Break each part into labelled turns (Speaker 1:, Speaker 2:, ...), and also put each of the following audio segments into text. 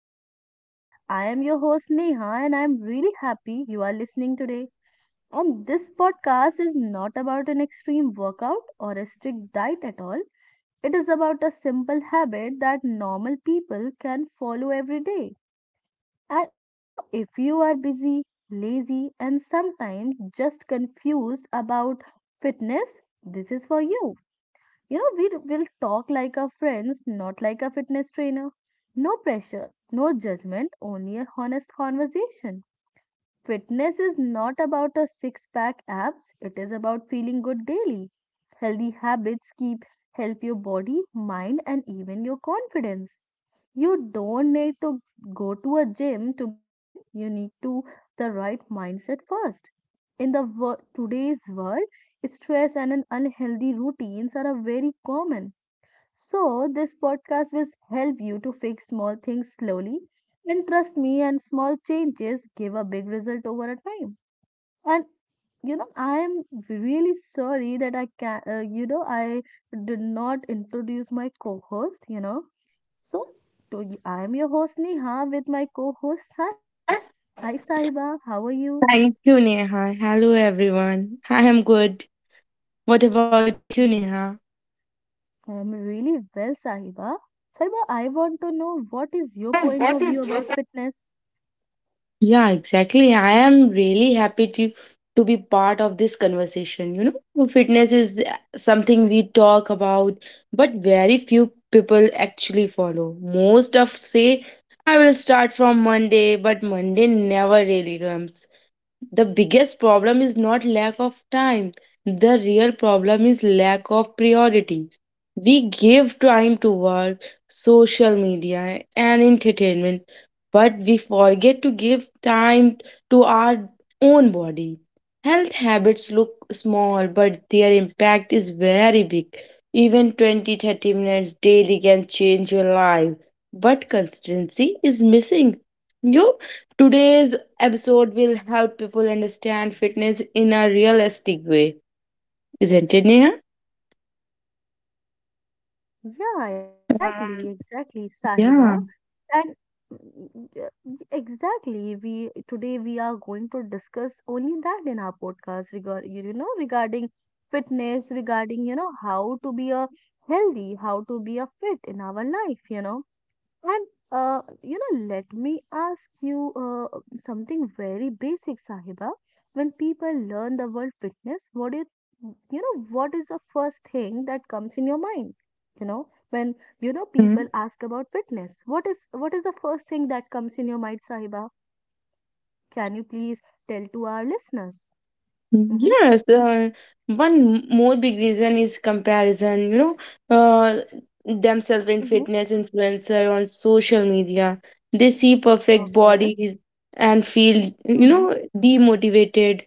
Speaker 1: habits. I am your host Neha and I'm really happy you are listening today. And this podcast is not about an extreme workout or a strict diet at all. It is about a simple habit that normal people can follow every day. And you know, if you are busy, lazy and sometimes just confused about fitness, this is for you. You know, we will talk like our friends, not like a fitness trainer. No pressure, no judgment, only a honest conversation. Fitness is not about a six pack abs, it is about feeling good daily. Healthy habits keep help your body, mind and even your confidence. You don't need to go to a gym to be fit. You need to the right mindset first. Today's world, stress and an unhealthy routines are a very common. So, this podcast will help you to fix small things slowly. And trust me, and small changes give a big result over a time. And I am really sorry that I can, you know, I did not introduce my co-host. So I am your host Neha with my co-host Sahiba. Hi Sahiba, how are you?
Speaker 2: Thank you, Neha. Hello, everyone. I am good. What about you, Neha?
Speaker 1: I am really well, Sahiba. Sahiba, I want to know what is your point
Speaker 2: What
Speaker 1: of view
Speaker 2: is your
Speaker 1: about fitness?
Speaker 2: Yeah, exactly. I am really happy to be part of this conversation. You know, fitness is something we talk about, but very few people actually follow. Most of say, I will start from Monday, but Monday never really comes. The biggest problem is not lack of time. The real problem is lack of priority. We give time to work, social media and entertainment, but we forget to give time to our own body. Health habits look small, but their impact is very big. Even 20-30 minutes daily can change your life, but consistency is missing. You know, today's episode will help people understand fitness in a realistic way, isn't it, Neha?
Speaker 1: Yeah, exactly,
Speaker 2: Um,
Speaker 1: exactly, Sahiba.
Speaker 2: yeah.
Speaker 1: And yeah, exactly, we today we are going to discuss only that in our podcast regarding fitness, regarding you know how to be a healthy, how to be a fit in our life, you know. And you know, let me ask you something very basic, Sahiba. When people learn the word fitness, what do you, you know, what is the first thing that comes in your mind? You know, when people
Speaker 2: Mhm.
Speaker 1: ask about fitness, what is the first thing that comes in your mind, Sahiba? Can you please tell to our listeners? Mm-hmm,
Speaker 2: Yes. One more big reason is comparison. You know, uh, themselves in
Speaker 1: mm-hmm.
Speaker 2: fitness influencer on social media. They see perfect
Speaker 1: Okay.
Speaker 2: bodies and feel, you
Speaker 1: Mm-hmm.
Speaker 2: know, demotivated.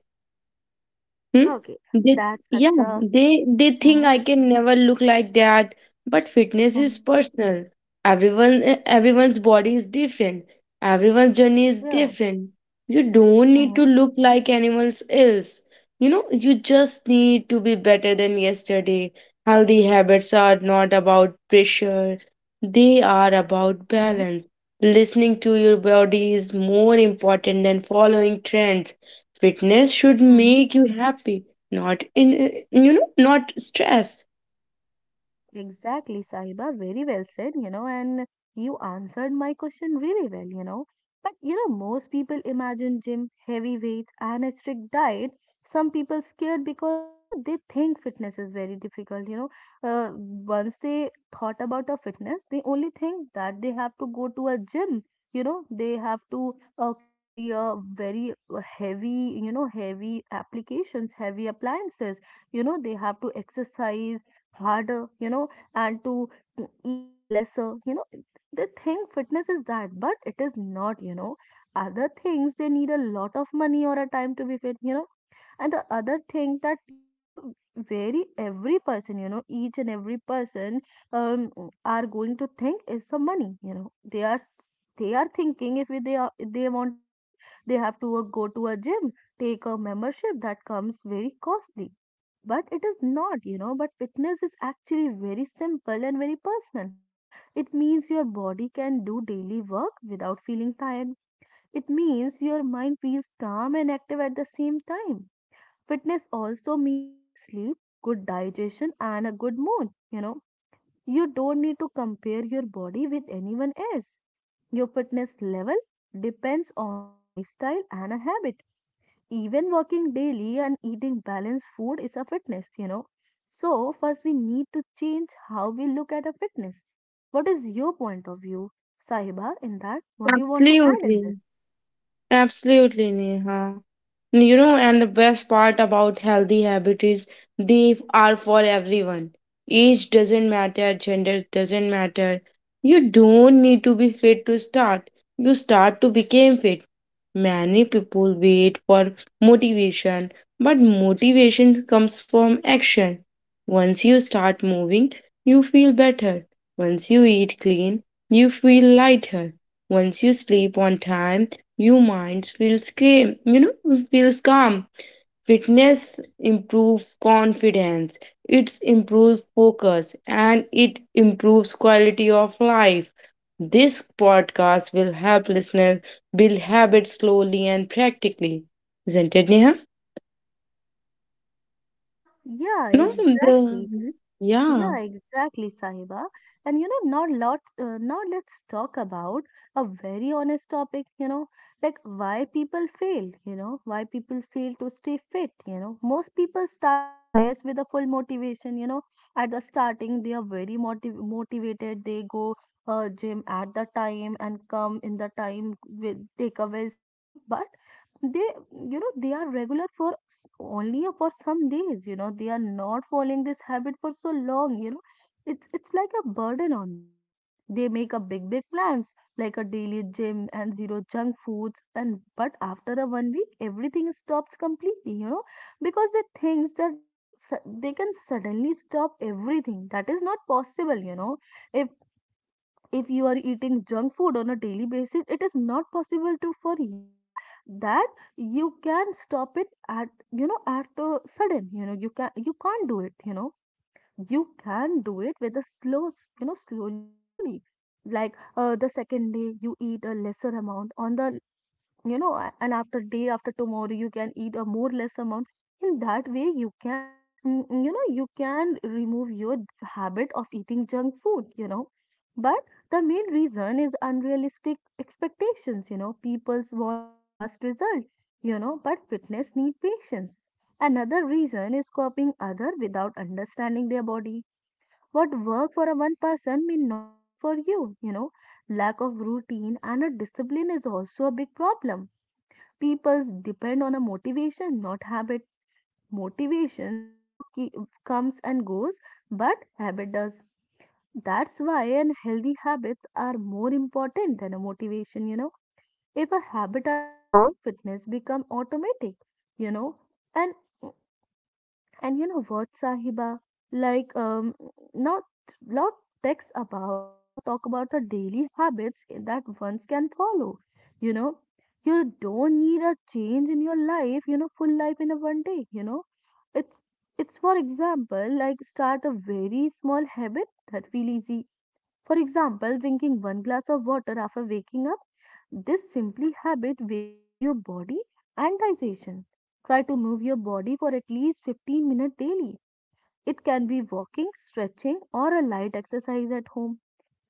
Speaker 2: Hmm?
Speaker 1: Okay.
Speaker 2: They,
Speaker 1: That's
Speaker 2: yeah,
Speaker 1: such a.
Speaker 2: they think
Speaker 1: Mm-hmm,
Speaker 2: I can never look like that. But fitness is
Speaker 1: mm-hmm.
Speaker 2: personal. Everyone's body is different. Everyone's journey is
Speaker 1: Yeah.
Speaker 2: different. You don't need
Speaker 1: Mm-hmm,
Speaker 2: to look like anyone else. You know, you just need to be better than yesterday. Healthy habits are not about pressure. They are about
Speaker 1: mm-hmm,
Speaker 2: balance. Listening to your body is more important than following trends. Fitness should
Speaker 1: mm-hmm.
Speaker 2: make you happy, not stress.
Speaker 1: Exactly, Sahiba. Very well said, you know, and you answered my question really well, you know. But you know, most people imagine gym, heavy weights, and a strict diet. Some people scared because you know they think fitness is very difficult. Once they thought about a fitness, they only think that they have to go to a gym. You know, they have to carry a very heavy, you know, heavy applications, heavy appliances. You know, they have to exercise harder, you know, and to eat lesser, you know. They think fitness is that, but it is not, you know. Other things, they need a lot of money or a time to be fit, you know. And the other thing that, you know, the very every person, you know, each and every person um, are going to think is the money, you know. They are thinking if they want to fit, they have to go to a gym, take a membership that comes very costly but it is not, you know, but fitness is actually very simple and very personal. It means your body can do daily work without feeling tired. It means your mind feels calm and active at the same time. Fitness also means good sleep, good digestion, and a good mood. You know, you don't need to compare your body with anyone else. Your fitness level depends on your lifestyle and a habit even working daily and eating balanced food is a fitness, you know. So, first, we need to change how we look at a fitness. What is your point of view, Sahiba, in that? What do you want to add in this?
Speaker 2: Absolutely. Absolutely, Neha. You know, and the best part about healthy habits is they are for everyone. Age doesn't matter, gender doesn't matter. You don't need to be fit to start. You start to become fit. Many people wait for motivation, but motivation comes from action. Once you start moving, you feel better. Once you eat clean, you feel lighter. Once you sleep on time, you minds feels calm, you know, feels calm. Fitness improves confidence, it improves focus, and it improves quality of life. This podcast will help listeners build habits slowly and practically. Isn't it, Neha?
Speaker 1: Yeah,
Speaker 2: No,
Speaker 1: exactly.
Speaker 2: the, yeah.
Speaker 1: Yeah, exactly, Sahiba. And you know, now let's talk about a very honest topic, you know, like why people fail, you know, why people fail to stay fit, you know. Most people start fitness with a full motivation, you know. At the starting, they are very motivated. They go gym at the time and come in the time with take a well sleep, but they you know they are regular only for some days you know they are not following this habit for so long you know it's like a burden on them. They make a big big plans like a daily gym and zero junk foods and but after a 1 week everything stops completely you know because they thinks that they can suddenly stop everything that is not possible you know. If if you are eating junk food on a daily basis it is not possible to for you that you can stop it at you know at a sudden you know you can't do it you know. You can do it with a slow you know slowly slowly like the second day you eat a lesser amount on the and after day after tomorrow you can eat a more less amount. In that way you can you know you can remove your habit of eating junk food you know. But the main reason is unrealistic expectations you know people's want fast result you know but fitness need patience. Another reason is copying other without understanding their body. What work for a one person may not work for you you know. Lack of routine and a discipline is also a big problem. People depend on a motivation not habit. Motivations comes and goes but habit does. That's why and healthy habits are more important than a motivation you know. If a habit are strong fitness become automatic you know. and and you know what, Sahiba? Like, not not text about, not talk about the daily habits that ones can follow. You know, you don't need a change in your life. You know, full life in a 1 day. You know, it's it's for example, like start a very small habit that feel easy for example, drinking one glass of water after waking up, this simply habit wakes up your body and digestion. Try to move your body for at least 15 minutes daily. It can be walking, stretching, or a light exercise at home.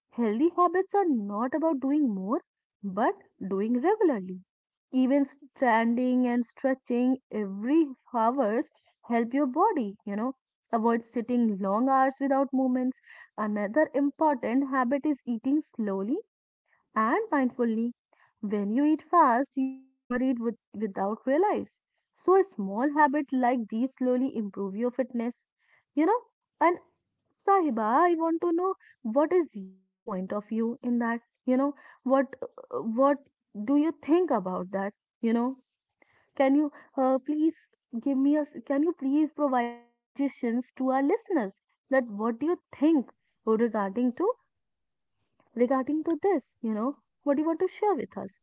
Speaker 1: Healthy habits are not about doing more, but doing regularly. Even standing and stretching every hours help your body, you know. Avoid sitting long hours without movements. Another important habit is eating slowly and mindfully. When you eat fast, you overeat without realize. So a small habit like these slowly improve your fitness, you know. And Sahiba, I want to know what is your point of view in that, you know, what do you think about that, you know? Can you please give me a s- can you please provide us suggestions to our listeners that what do you think regarding to regarding to this, you know, what do you want to share with us?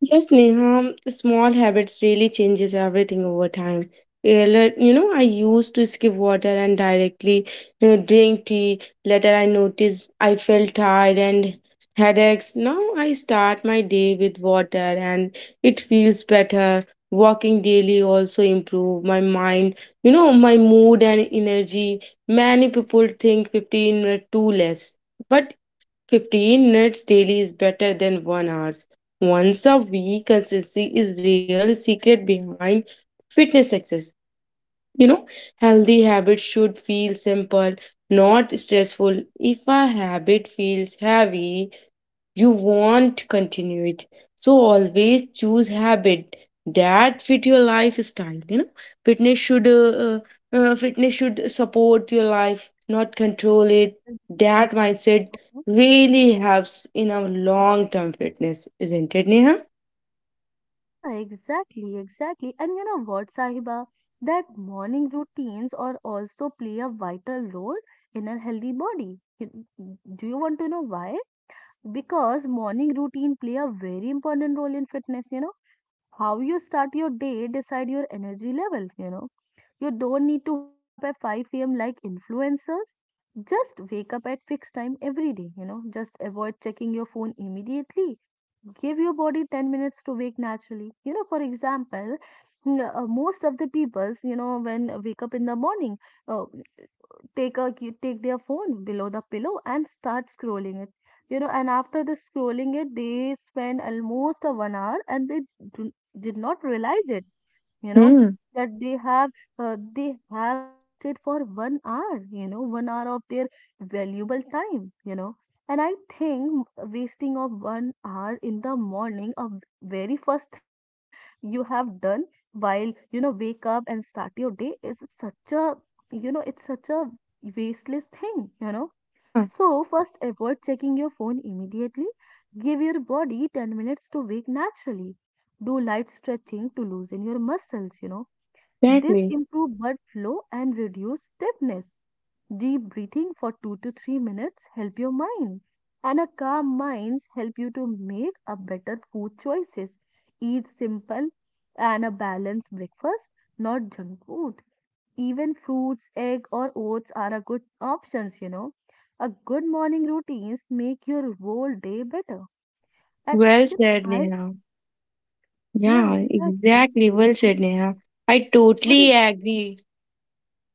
Speaker 2: Yes, Neha,
Speaker 1: Hmm.
Speaker 2: small habits really changes everything over time. Yeah, you know, I used to skip water and directly drink tea. Later, I noticed I felt tired and headaches. Now I start my day with water and it feels better. Walking daily also improve my mind, you know, my mood and energy. Many people think 15 minutes too less, but 15 minutes daily is better than 1 hours. Once a week consistency is real secret behind fitness success. You know, healthy habits should feel simple, not stressful. If a habit feels heavy, you want to continue it, so always choose habit that fit your
Speaker 1: Mm-hmm.
Speaker 2: lifestyle. fitness should uh, uh, fitness should support your life, not control it. That mindset really helps in our long term fitness, isn't it, Neha?
Speaker 1: Yeah, exactly, exactly. And you know what, Sahiba? That morning routines are also play a vital role in a healthy body. You- Do you want to know why? Because morning routine play a very important role in fitness, you know. How you start your day decide your energy level, you know. You don't need to wake up at 5 a.m. like influencers. Just wake up at fixed time every day, you know. Just avoid checking your phone immediately. Give your body 10 minutes to wake naturally. You know, for example, most of the people's, you know, when wake up in the morning, uh, take a take their phone below the pillow and start scrolling it. You know, and after the scrolling it, they spend almost a 1 hour and they do, did not realize it you know
Speaker 2: Hmm.
Speaker 1: that they have wasted for 1 hour you know 1 hour of their valuable time you know. And I think wasting of 1 hour in the morning a very first thing you have done while you know wake up and start your day is such a you know it's such a wasteless thing you know.
Speaker 2: Yeah.
Speaker 1: So, first, avoid checking your phone immediately. Give your body 10 minutes to wake naturally. Do light stretching to loosen your muscles, you know. This
Speaker 2: Exactly.
Speaker 1: improve blood flow and reduce stiffness. Deep breathing for 2 to 3 minutes help your mind. And a calm minds help you to make a better food choices. Eat simple and a balanced breakfast, not junk food. Even fruits, egg or oats are a good options, you know. A good morning routines make your whole day better. And
Speaker 2: Well
Speaker 1: you know,
Speaker 2: said,
Speaker 1: I
Speaker 2: Neha.
Speaker 1: yeah,
Speaker 2: Yeah,
Speaker 1: exactly.
Speaker 2: exactly. Well said, Neha. I
Speaker 1: What
Speaker 2: totally
Speaker 1: is?
Speaker 2: agree.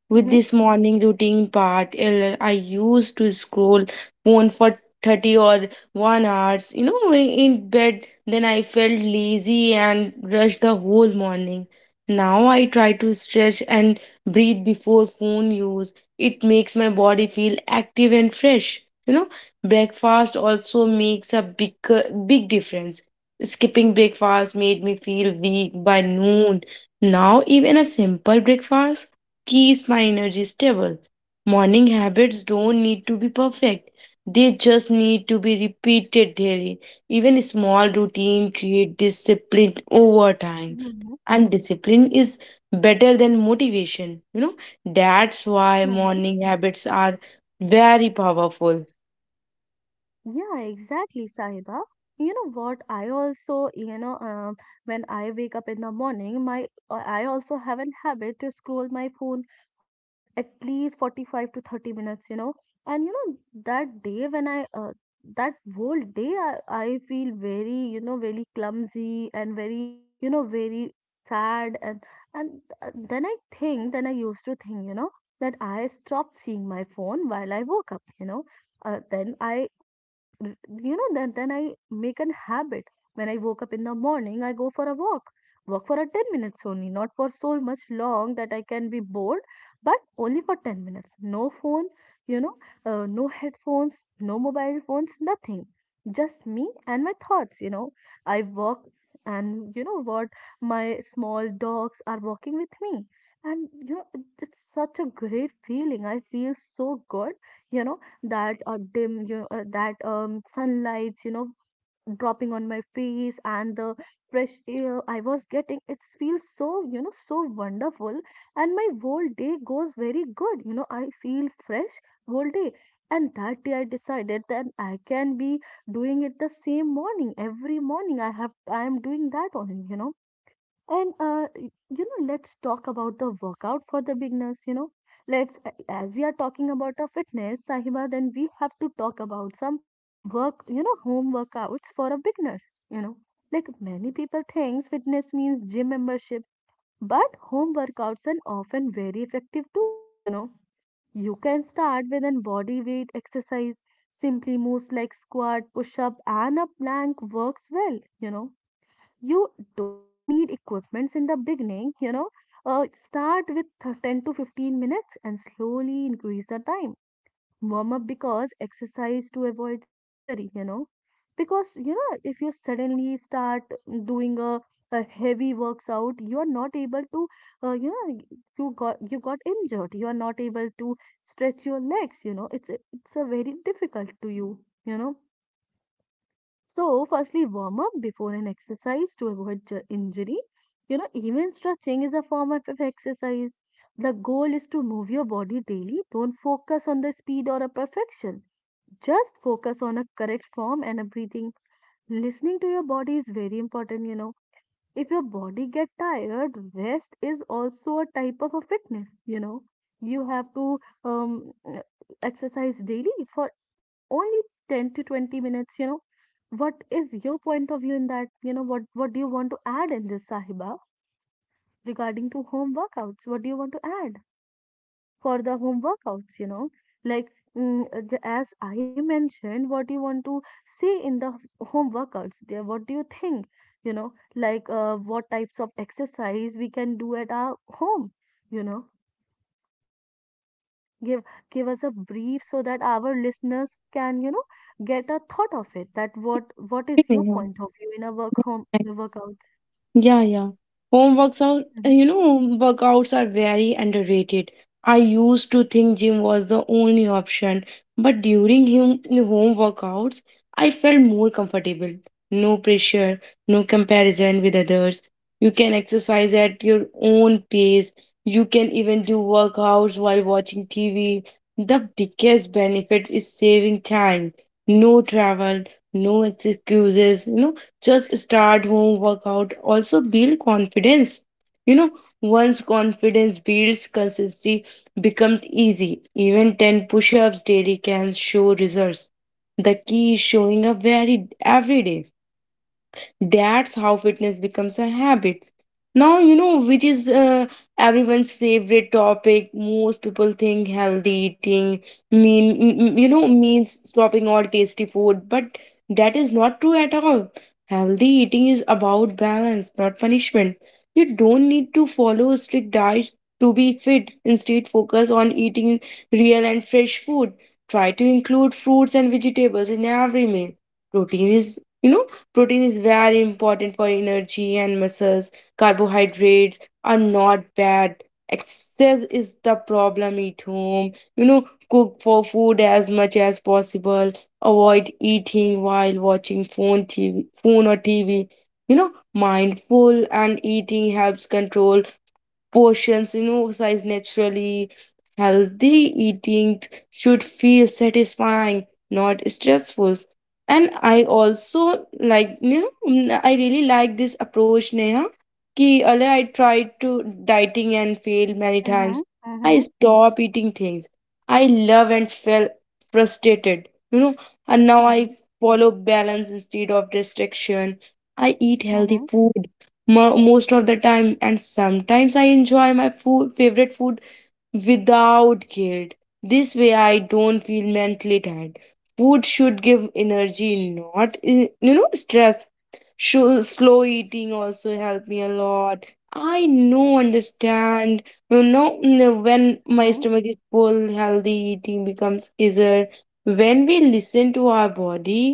Speaker 2: With this morning routine part, earlier I used to scroll phone for 30 or 1 hours, you know, in bed. Then I felt lazy and rushed the whole morning. Now I try to stretch and breathe before phone use. It makes my body feel active and fresh. You know, breakfast also makes a big big difference. Skipping breakfast made me feel weak by noon. Now even a simple breakfast keeps my energy stable. Morning habits don't need to be perfect. They just need to be repeated daily. Even small routine create discipline over time.
Speaker 1: Mm-hmm.
Speaker 2: And discipline is better than motivation. You know, that's why morning habits are very powerful.
Speaker 1: Yeah, exactly, Sahiba. You know what? I also, when I wake up in the morning, my I also have an habit to scroll my phone for at least 45 to 30 minutes, you know. And you know, that day that whole day, I feel very, very clumsy and very, very sad. And then I think, then I used to think, you know, that I stopped seeing my phone while I woke up. Then I, you know, then I make an habit. When I woke up in the morning, I go for a walk. Walk for a 10 minutes only, not for so much long that I can be bored, but only for 10 minutes. No phone, you know, no headphones, no mobile phones, nothing. Just me and my thoughts, you know. I walk, and you know what? My small dogs are walking with me. And you know, it's such a great feeling. I feel so good, you know that sunlights, you know, dropping on my face and the fresh air I was getting, it feels so, you know, so wonderful. And my whole day goes very good, you know, I feel fresh whole day. And that day I decided that I can be doing it the same morning. Every morning, I am doing that only, you know. Let's talk about the workout for the beginners. You know, as we are talking about a fitness, Sahiba, then we have to talk about some work. You know, home workouts for a beginner. You know, like many people thinks fitness means gym membership, but home workouts are often very effective too. You know, you can start with an body weight exercise. Simply moves like squat, push up, and a plank works well. You know, you don't need equipments in the beginning, you know, start with 10 to 15 minutes and slowly increase the time. Warm up because exercise to avoid injury, you know, because you know, if you suddenly start doing a, a heavy works out, you are not able to, uh, you know you got, injured, you are not able to stretch your legs, you know, it's a very difficult to you, you know. So, firstly, warm up before an exercise to avoid injury. You know, even stretching is a form of exercise. The goal is to move your body daily. Don't focus on the speed or a perfection. Just focus on a correct form and a breathing. Listening to your body is very important, you know. If your body get tired, rest is also a type of a fitness, you know. You have to exercise daily for only 10 to 20 minutes, you know. What is your point of view in that, you know? What do you want to add in this, Sahiba, regarding to home workouts? What do you want to add for the home workouts, you know? Like as I mentioned, what do you want to see in the home workouts there? What do you think, you know? Like what types of exercise we can do at our home, you know? Give give us a brief so that our listeners can, you know, get a thought of it, that what is your
Speaker 2: Yeah.
Speaker 1: point of view in a workout.
Speaker 2: Yeah, yeah. Home works out,
Speaker 1: Mhm,
Speaker 2: you know, home workouts are very underrated. I used to think gym was the only option, but during him home workouts, I felt more comfortable. No pressure, no comparison with others. You can exercise at your own pace. You can even do workouts while watching TV. The biggest benefit is saving time. No travel, no excuses, you know, just start. Home workout also build confidence. You know, once confidence builds, consistency becomes easy. Even 10 push-ups daily can show results. The key is showing up very every day. That's how fitness becomes a habit. Now, you know, which is everyone's favorite topic. Most people think healthy eating means stopping all tasty food, but that is not true at all. Healthy eating is about balance, not punishment. You don't need to follow a strict diet to be fit. Instead, focus on eating real and fresh food. Try to include fruits and vegetables in every meal. Protein is you know Protein is very important for energy and muscles. Carbohydrates are not bad. Excess is the problem. Eat home. You know, cook for food as much as possible. Avoid eating while watching phone, TV, phone or TV. You know, mindful and eating helps control portions, you know, size naturally. Healthy eating should feel satisfying, not stressful. And I also like, I really like this approach, Neha. Ki Earlier I tried to dieting and failed many times.
Speaker 1: mhm,
Speaker 2: I
Speaker 1: mhm,
Speaker 2: stopped eating things I love and felt frustrated, you know, and now I
Speaker 1: mhm,
Speaker 2: follow balance instead of restriction. I eat healthy
Speaker 1: mhm,
Speaker 2: food most of the time, and sometimes I enjoy favorite food without guilt. This way I don't feel mentally tired. Food should give energy, not stress. Slow eating also helped me a lot. I know understand, you know, when
Speaker 1: mhm,
Speaker 2: my
Speaker 1: mhm,
Speaker 2: stomach is full, healthy eating becomes easier. When we listen to our body,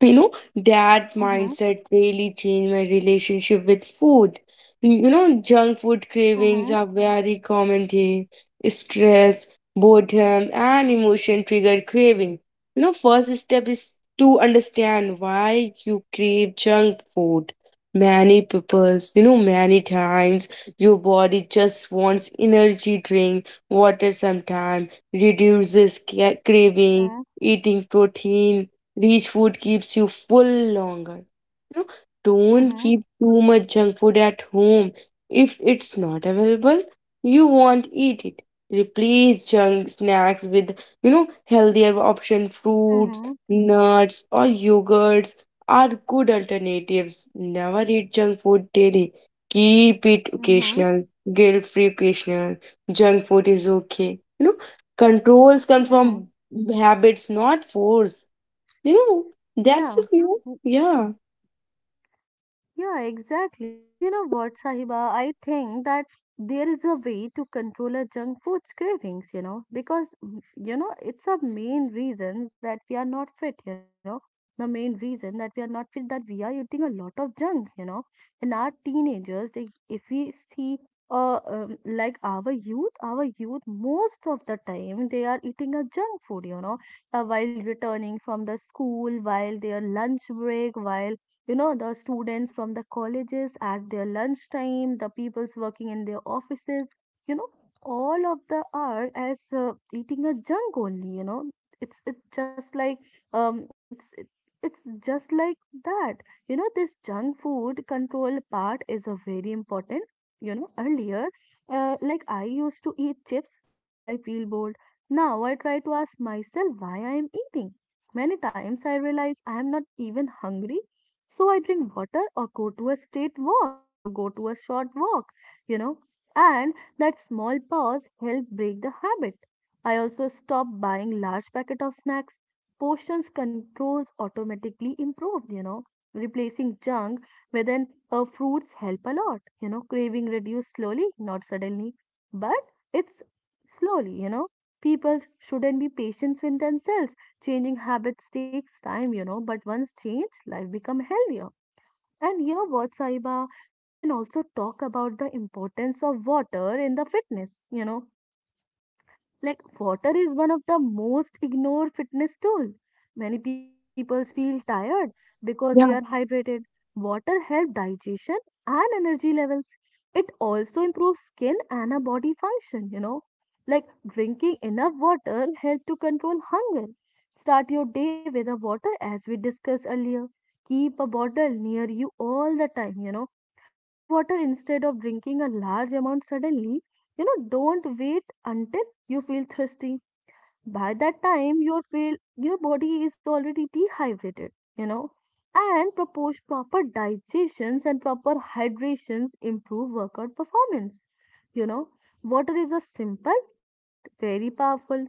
Speaker 2: you know, that
Speaker 1: mhm,
Speaker 2: mindset really changed my relationship with food. You know, junk food cravings
Speaker 1: mhm,
Speaker 2: are very common thing. Stress, boredom and emotion trigger craving. You know, first step is to understand why you crave junk food. Many times your body just wants energy. Drink water sometime reduces craving. Eating protein rich food keeps you full longer. You know, don't
Speaker 1: mhm,
Speaker 2: keep too much junk food at home. If it's not available, you won't eat it. Replace junk snacks with, you know, healthier option. Fruit,
Speaker 1: mhm,
Speaker 2: nuts or yogurts are good alternatives. Never eat junk food daily. Keep it
Speaker 1: mhm,
Speaker 2: occasional, guilt-free occasional. Junk food is okay. You know, controls come
Speaker 1: mhm.
Speaker 2: from habits, not force. You know, that's
Speaker 1: Yeah.
Speaker 2: just, you know, yeah.
Speaker 1: Yeah, exactly. And you know what, Sahiba? I think that there is a way to control our junk food's cravings, you know, because, it's a main reason that we are not fit, you know, the main reason that we are not fit, that we are eating a lot of junk, you know. And our teenagers, they, if we see, like our youth, most of the time, they are eating a junk food, you know, while returning from the school, while their lunch break, while, you know, the students from the colleges at their lunchtime, the peoples working in their offices, you know, all of the are as, eating a junk only, you know. It's just like, um it's it, it's just like that, you know, this junk food control part is a very important, you know. Earlier, like I used to eat chips whenever I feel bored. Now I try to ask myself why I am eating. Many times I realize I am not even hungry. So I drink water or go to a straight walk, you know, go to a short walk, you know. And that small pause help break the habit. I also stop buying large packet of snacks. Portions controls automatically improved, you know, replacing junk with an fruits help a lot, you know, craving reduce slowly, not suddenly, but it's slowly, you know. People shouldn't be patient with themselves. Changing habits takes time, you know, but once changed, life become healthier. And you know what, Saiba, we can also talk about the importance of water in the fitness, you know. Like water is one of the most ignored fitness tool. Many people feel tired because they are
Speaker 2: Yeah,
Speaker 1: hydrated. Water helps digestion and energy levels. It also improves skin and a body function, you know. Like drinking enough water helps to control hunger. Start your day with a water as we discussed earlier. Keep a bottle near you all the time, you know. Sip water instead of drinking a large amount suddenly. You know, don't wait until you feel thirsty. By that time, your body is already dehydrated, you know. And propose proper digestions and proper hydrations improve workout performance. You know, water is a simple but very powerful.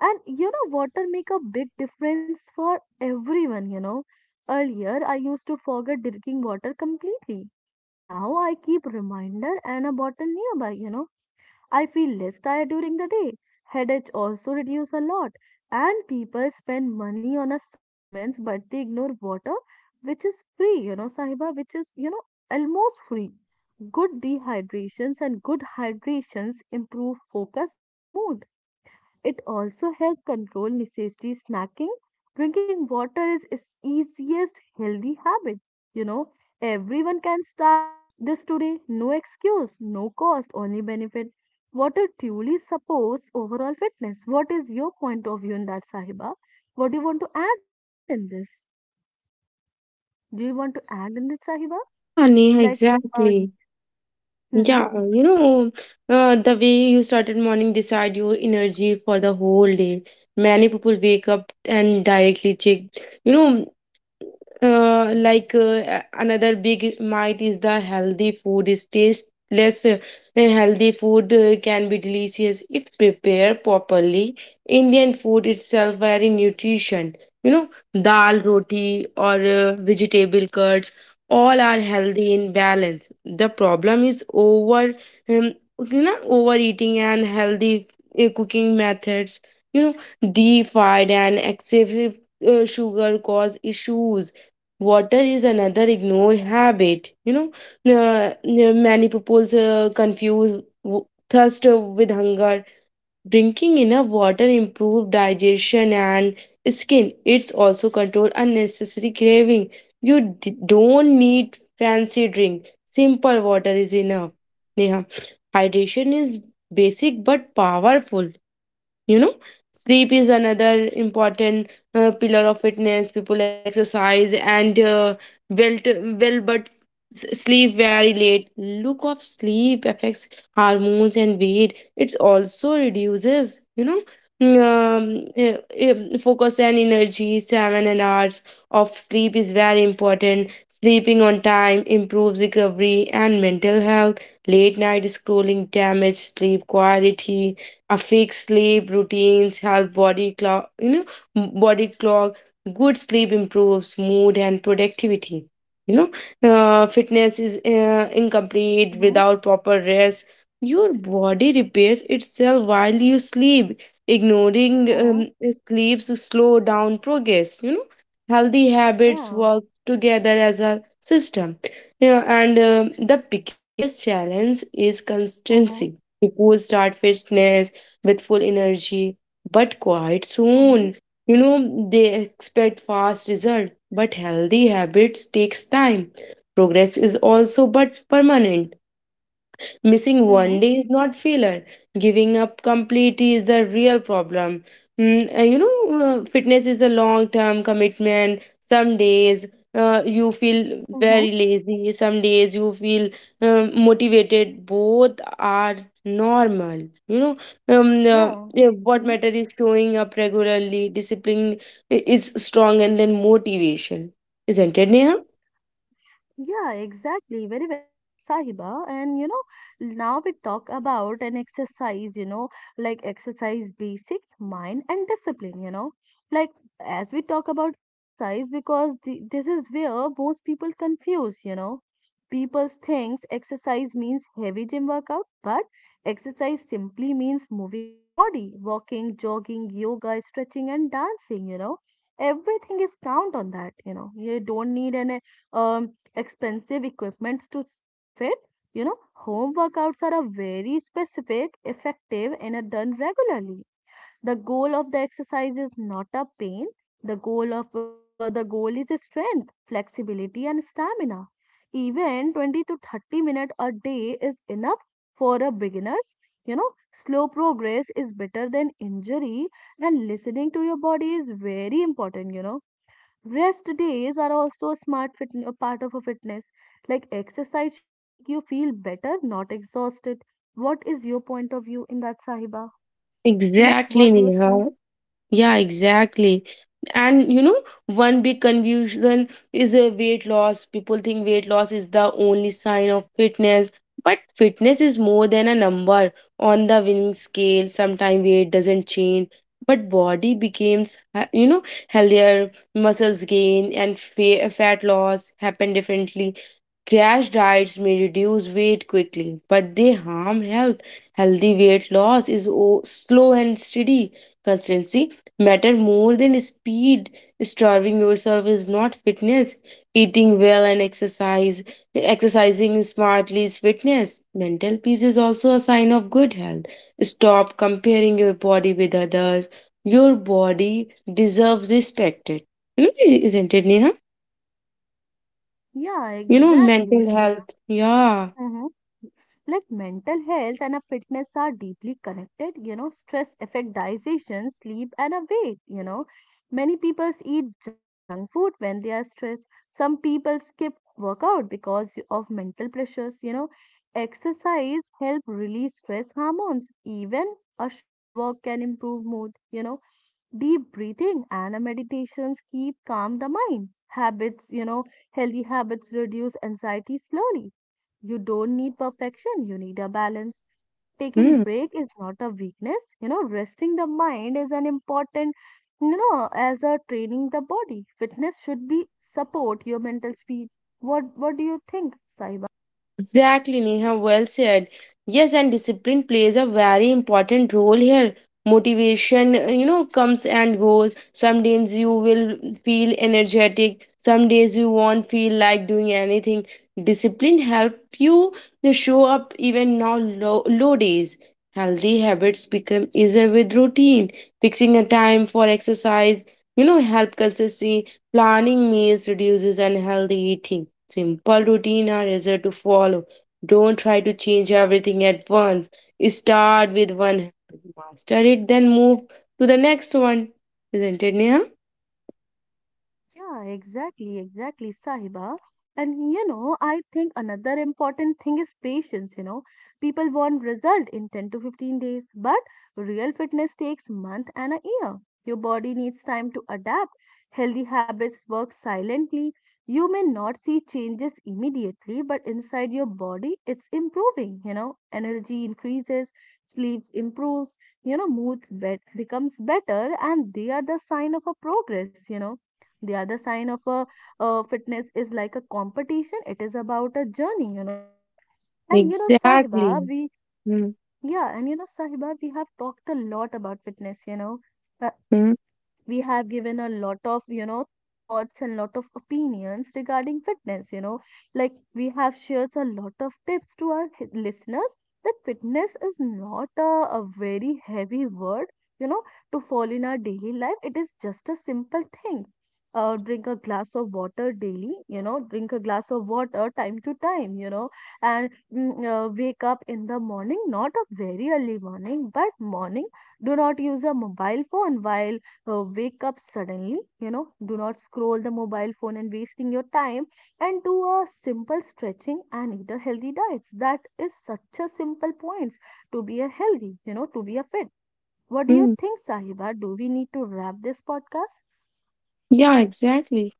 Speaker 1: And you know, water make a big difference for everyone, you know. Earlier, I used to forget drinking water completely. Now I keep reminder and a bottle nearby, you know. I feel less tired during the day. Headache also reduce a lot. And people spend money on a supplements, but they ignore water, which is free, you know, Sahiba, which is, you know,
Speaker 2: yeah,
Speaker 1: almost free. Good dehydrations and good hydrations improve focus and a mood. It also helps control necessity snacking. Drinking water is easiest healthy habit. You know, everyone can start this today. No excuse, no cost, only benefit. Water truly supports overall fitness. What is your point of view in that, Sahiba? What do you want to add in this? Do you want to add in this, Sahiba? Like,
Speaker 2: Neha,
Speaker 1: uh, y-
Speaker 2: exactly.
Speaker 1: mhm,
Speaker 2: Yeah, you know, the way you started morning decide your energy for the whole day. Many people wake up and directly check, you know, like another big myth is the healthy food is tasteless. Healthy food can be delicious if prepared properly. Indian food itself very nutrition. You know, dal, roti, or vegetable curds, all are healthy in balance. The problem is um, overeating and healthy cooking methods. You know, deep fried and excessive sugar cause issues. Water is another ignore habit. You know, many people confuse thirst with hunger. Drinking enough water improve digestion and skin. It's also control unnecessary craving. You don't need fancy drink. Simple water is enough, Neha. Hydration is basic but powerful. You know, sleep is another important pillar of fitness. People exercise and well t- well, but sleep very late. Look of sleep affects hormones and weight. It also reduces, you know, mm, um, eh, focus and energy. Seven and hours of sleep is very important. Sleeping on time improves recovery and mental health. Late night scrolling damage sleep quality. A fixed sleep routines help body clock. M- body clock Good sleep improves mood and productivity. You know, fitness is incomplete
Speaker 1: mhm,
Speaker 2: without proper rest. Your body repairs itself while you sleep. Ignoring
Speaker 1: mhm,
Speaker 2: um, sleeps slow down progress. You know, healthy habits
Speaker 1: yeah,
Speaker 2: work together as a system. Yeah, and the biggest challenge is consistency.
Speaker 1: mhm,
Speaker 2: People start fitness with full energy, but quite
Speaker 1: mhm,
Speaker 2: soon. You know, they expect fast result, but healthy habits takes time. Progress is also but permanent. Missing one
Speaker 1: mhm,
Speaker 2: day is not failure. Giving up completely is the real problem. You know, fitness is a long term commitment. Some days you feel
Speaker 1: mhm,
Speaker 2: very lazy, some days you feel motivated. Both are normal. You know,
Speaker 1: yeah.
Speaker 2: yeah, what
Speaker 1: Mm-hmm.
Speaker 2: matter is showing up regularly, discipline is strong, and then motivation. Isn't it, Neha?
Speaker 1: Yeah, exactly. Very well said, Sahiba. And you know, now we talk about an exercise, you know, like exercise basics, mind, and discipline, you know. Like, as we talk about exercise, because this is where most people confuse, you know. People thinks exercise means heavy gym workout, but exercise simply means moving your body, walking, jogging, yoga, stretching, and dancing, you know. Everything is count on that, you know. You don't need an um expensive equipments to stay fit. You know, home workouts are a very specific, effective, and are done regularly. The goal of the exercise is not a pain. The goal of the goal is strength, flexibility, and stamina. Even 20 to 30 minutes a day is enough for a beginners. You know, slow progress is better than injury, and listening to your body is very important. You know, rest days are also a a part of a fitness. Like exercise should make you feel better, not exhausted. What is your point of view in that, Sahiba? You know,
Speaker 2: Exactly,
Speaker 1: what do you
Speaker 2: Neha.
Speaker 1: think?
Speaker 2: Yeah, exactly. And you know, one big confusion is a weight loss. People think weight loss is the only sign of fitness, but fitness is more than a number on the winning scale. Sometimes weight doesn't change, but body becomes you know, healthier, muscles gain, and fat loss happen differently. Crash diets may reduce weight quickly, but they harm health. Healthy weight loss is slow and steady. Consistency matter more than speed. Starving yourself is not fitness. Eating well and exercising smartly is fitness. Mental peace is also a sign of good health. Stop comparing your body with others. Your body deserves respect. It not it, Neha?
Speaker 1: Yeah,
Speaker 2: You know, mental
Speaker 1: exactly.
Speaker 2: health. Yeah.
Speaker 1: Like mental health and a fitness are deeply connected, you know, stress affect digestion, sleep, and a weight, you know. Many people eat junk food when they are stressed. Some people skip workout because of mental pressures, you know. Exercise help release stress hormones. Even a short walk can improve mood, you know. Deep breathing and meditations keep calm the mind habits, you know, healthy habits reduce anxiety slowly. You don't need perfection, you need a balance. Taking
Speaker 2: Hmm.
Speaker 1: break is not a weakness, you know, resting the mind is an important, you know, as a training the body, fitness should be support your mental speed. What do you think, Saiba?
Speaker 2: Exactly, Neha, well said. Yes, and discipline plays a very important role here. Motivation, you know, comes and goes. Some days you will feel energetic, some days you won't feel like doing anything. Discipline help you to show up even now low, low days. Healthy habits become easier with routine. Fixing a time for exercise, you know, help consistency. Planning meals reduces unhealthy eating. Simple routine are easier to follow. Don't try to change everything at once. Start with one habit, master it, then move to the next one. Isn't it, Neha?
Speaker 1: Yeah, exactly, exactly, Sahiba. And you know, I think another important thing is patience. You know, people want result in 10 to 15 days, but real fitness takes month and a year. Your body needs time to adapt. Healthy habits work silently. You may not see changes immediately, but inside your body, it's improving. You know, energy increases, sleep improves, you know, moods bet becomes better, and they are the sign of a progress, you know, the other sign of a, uh, fitness is like a competition. It is about a journey, you know. And you know, Sahiba,
Speaker 2: Exactly.
Speaker 1: we,
Speaker 2: Mm-hmm.
Speaker 1: yeah, and you know, Sahiba, we have talked a lot about fitness, you know, uh, we have given a lot of, you know, thoughts and lot of opinions regarding fitness, you know, like we have shared a lot of tips to our listeners, that fitness is not a, a very heavy word, you know, to fall in our daily life, it is just a simple thing. Drink a glass of water daily, you know, drink a glass of water time to time, you know. And wake up in the morning, not a very early morning, but morning. Do not use a mobile phone while wake up suddenly, you know. Do not scroll the mobile phone and wasting your time, and do a simple stretching and eat a healthy diet. That is such a simple points to be a healthy, you know, to be a fit. What do you think, Sahiba? Do we need to wrap this podcast?
Speaker 2: Yeah, exactly.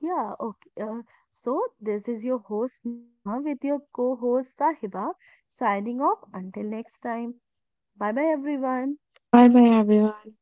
Speaker 1: Yeah, okay. So this is your host Neha with your co-host Sahiba, signing off until next time. Bye bye, everyone.
Speaker 2: Bye bye, everyone.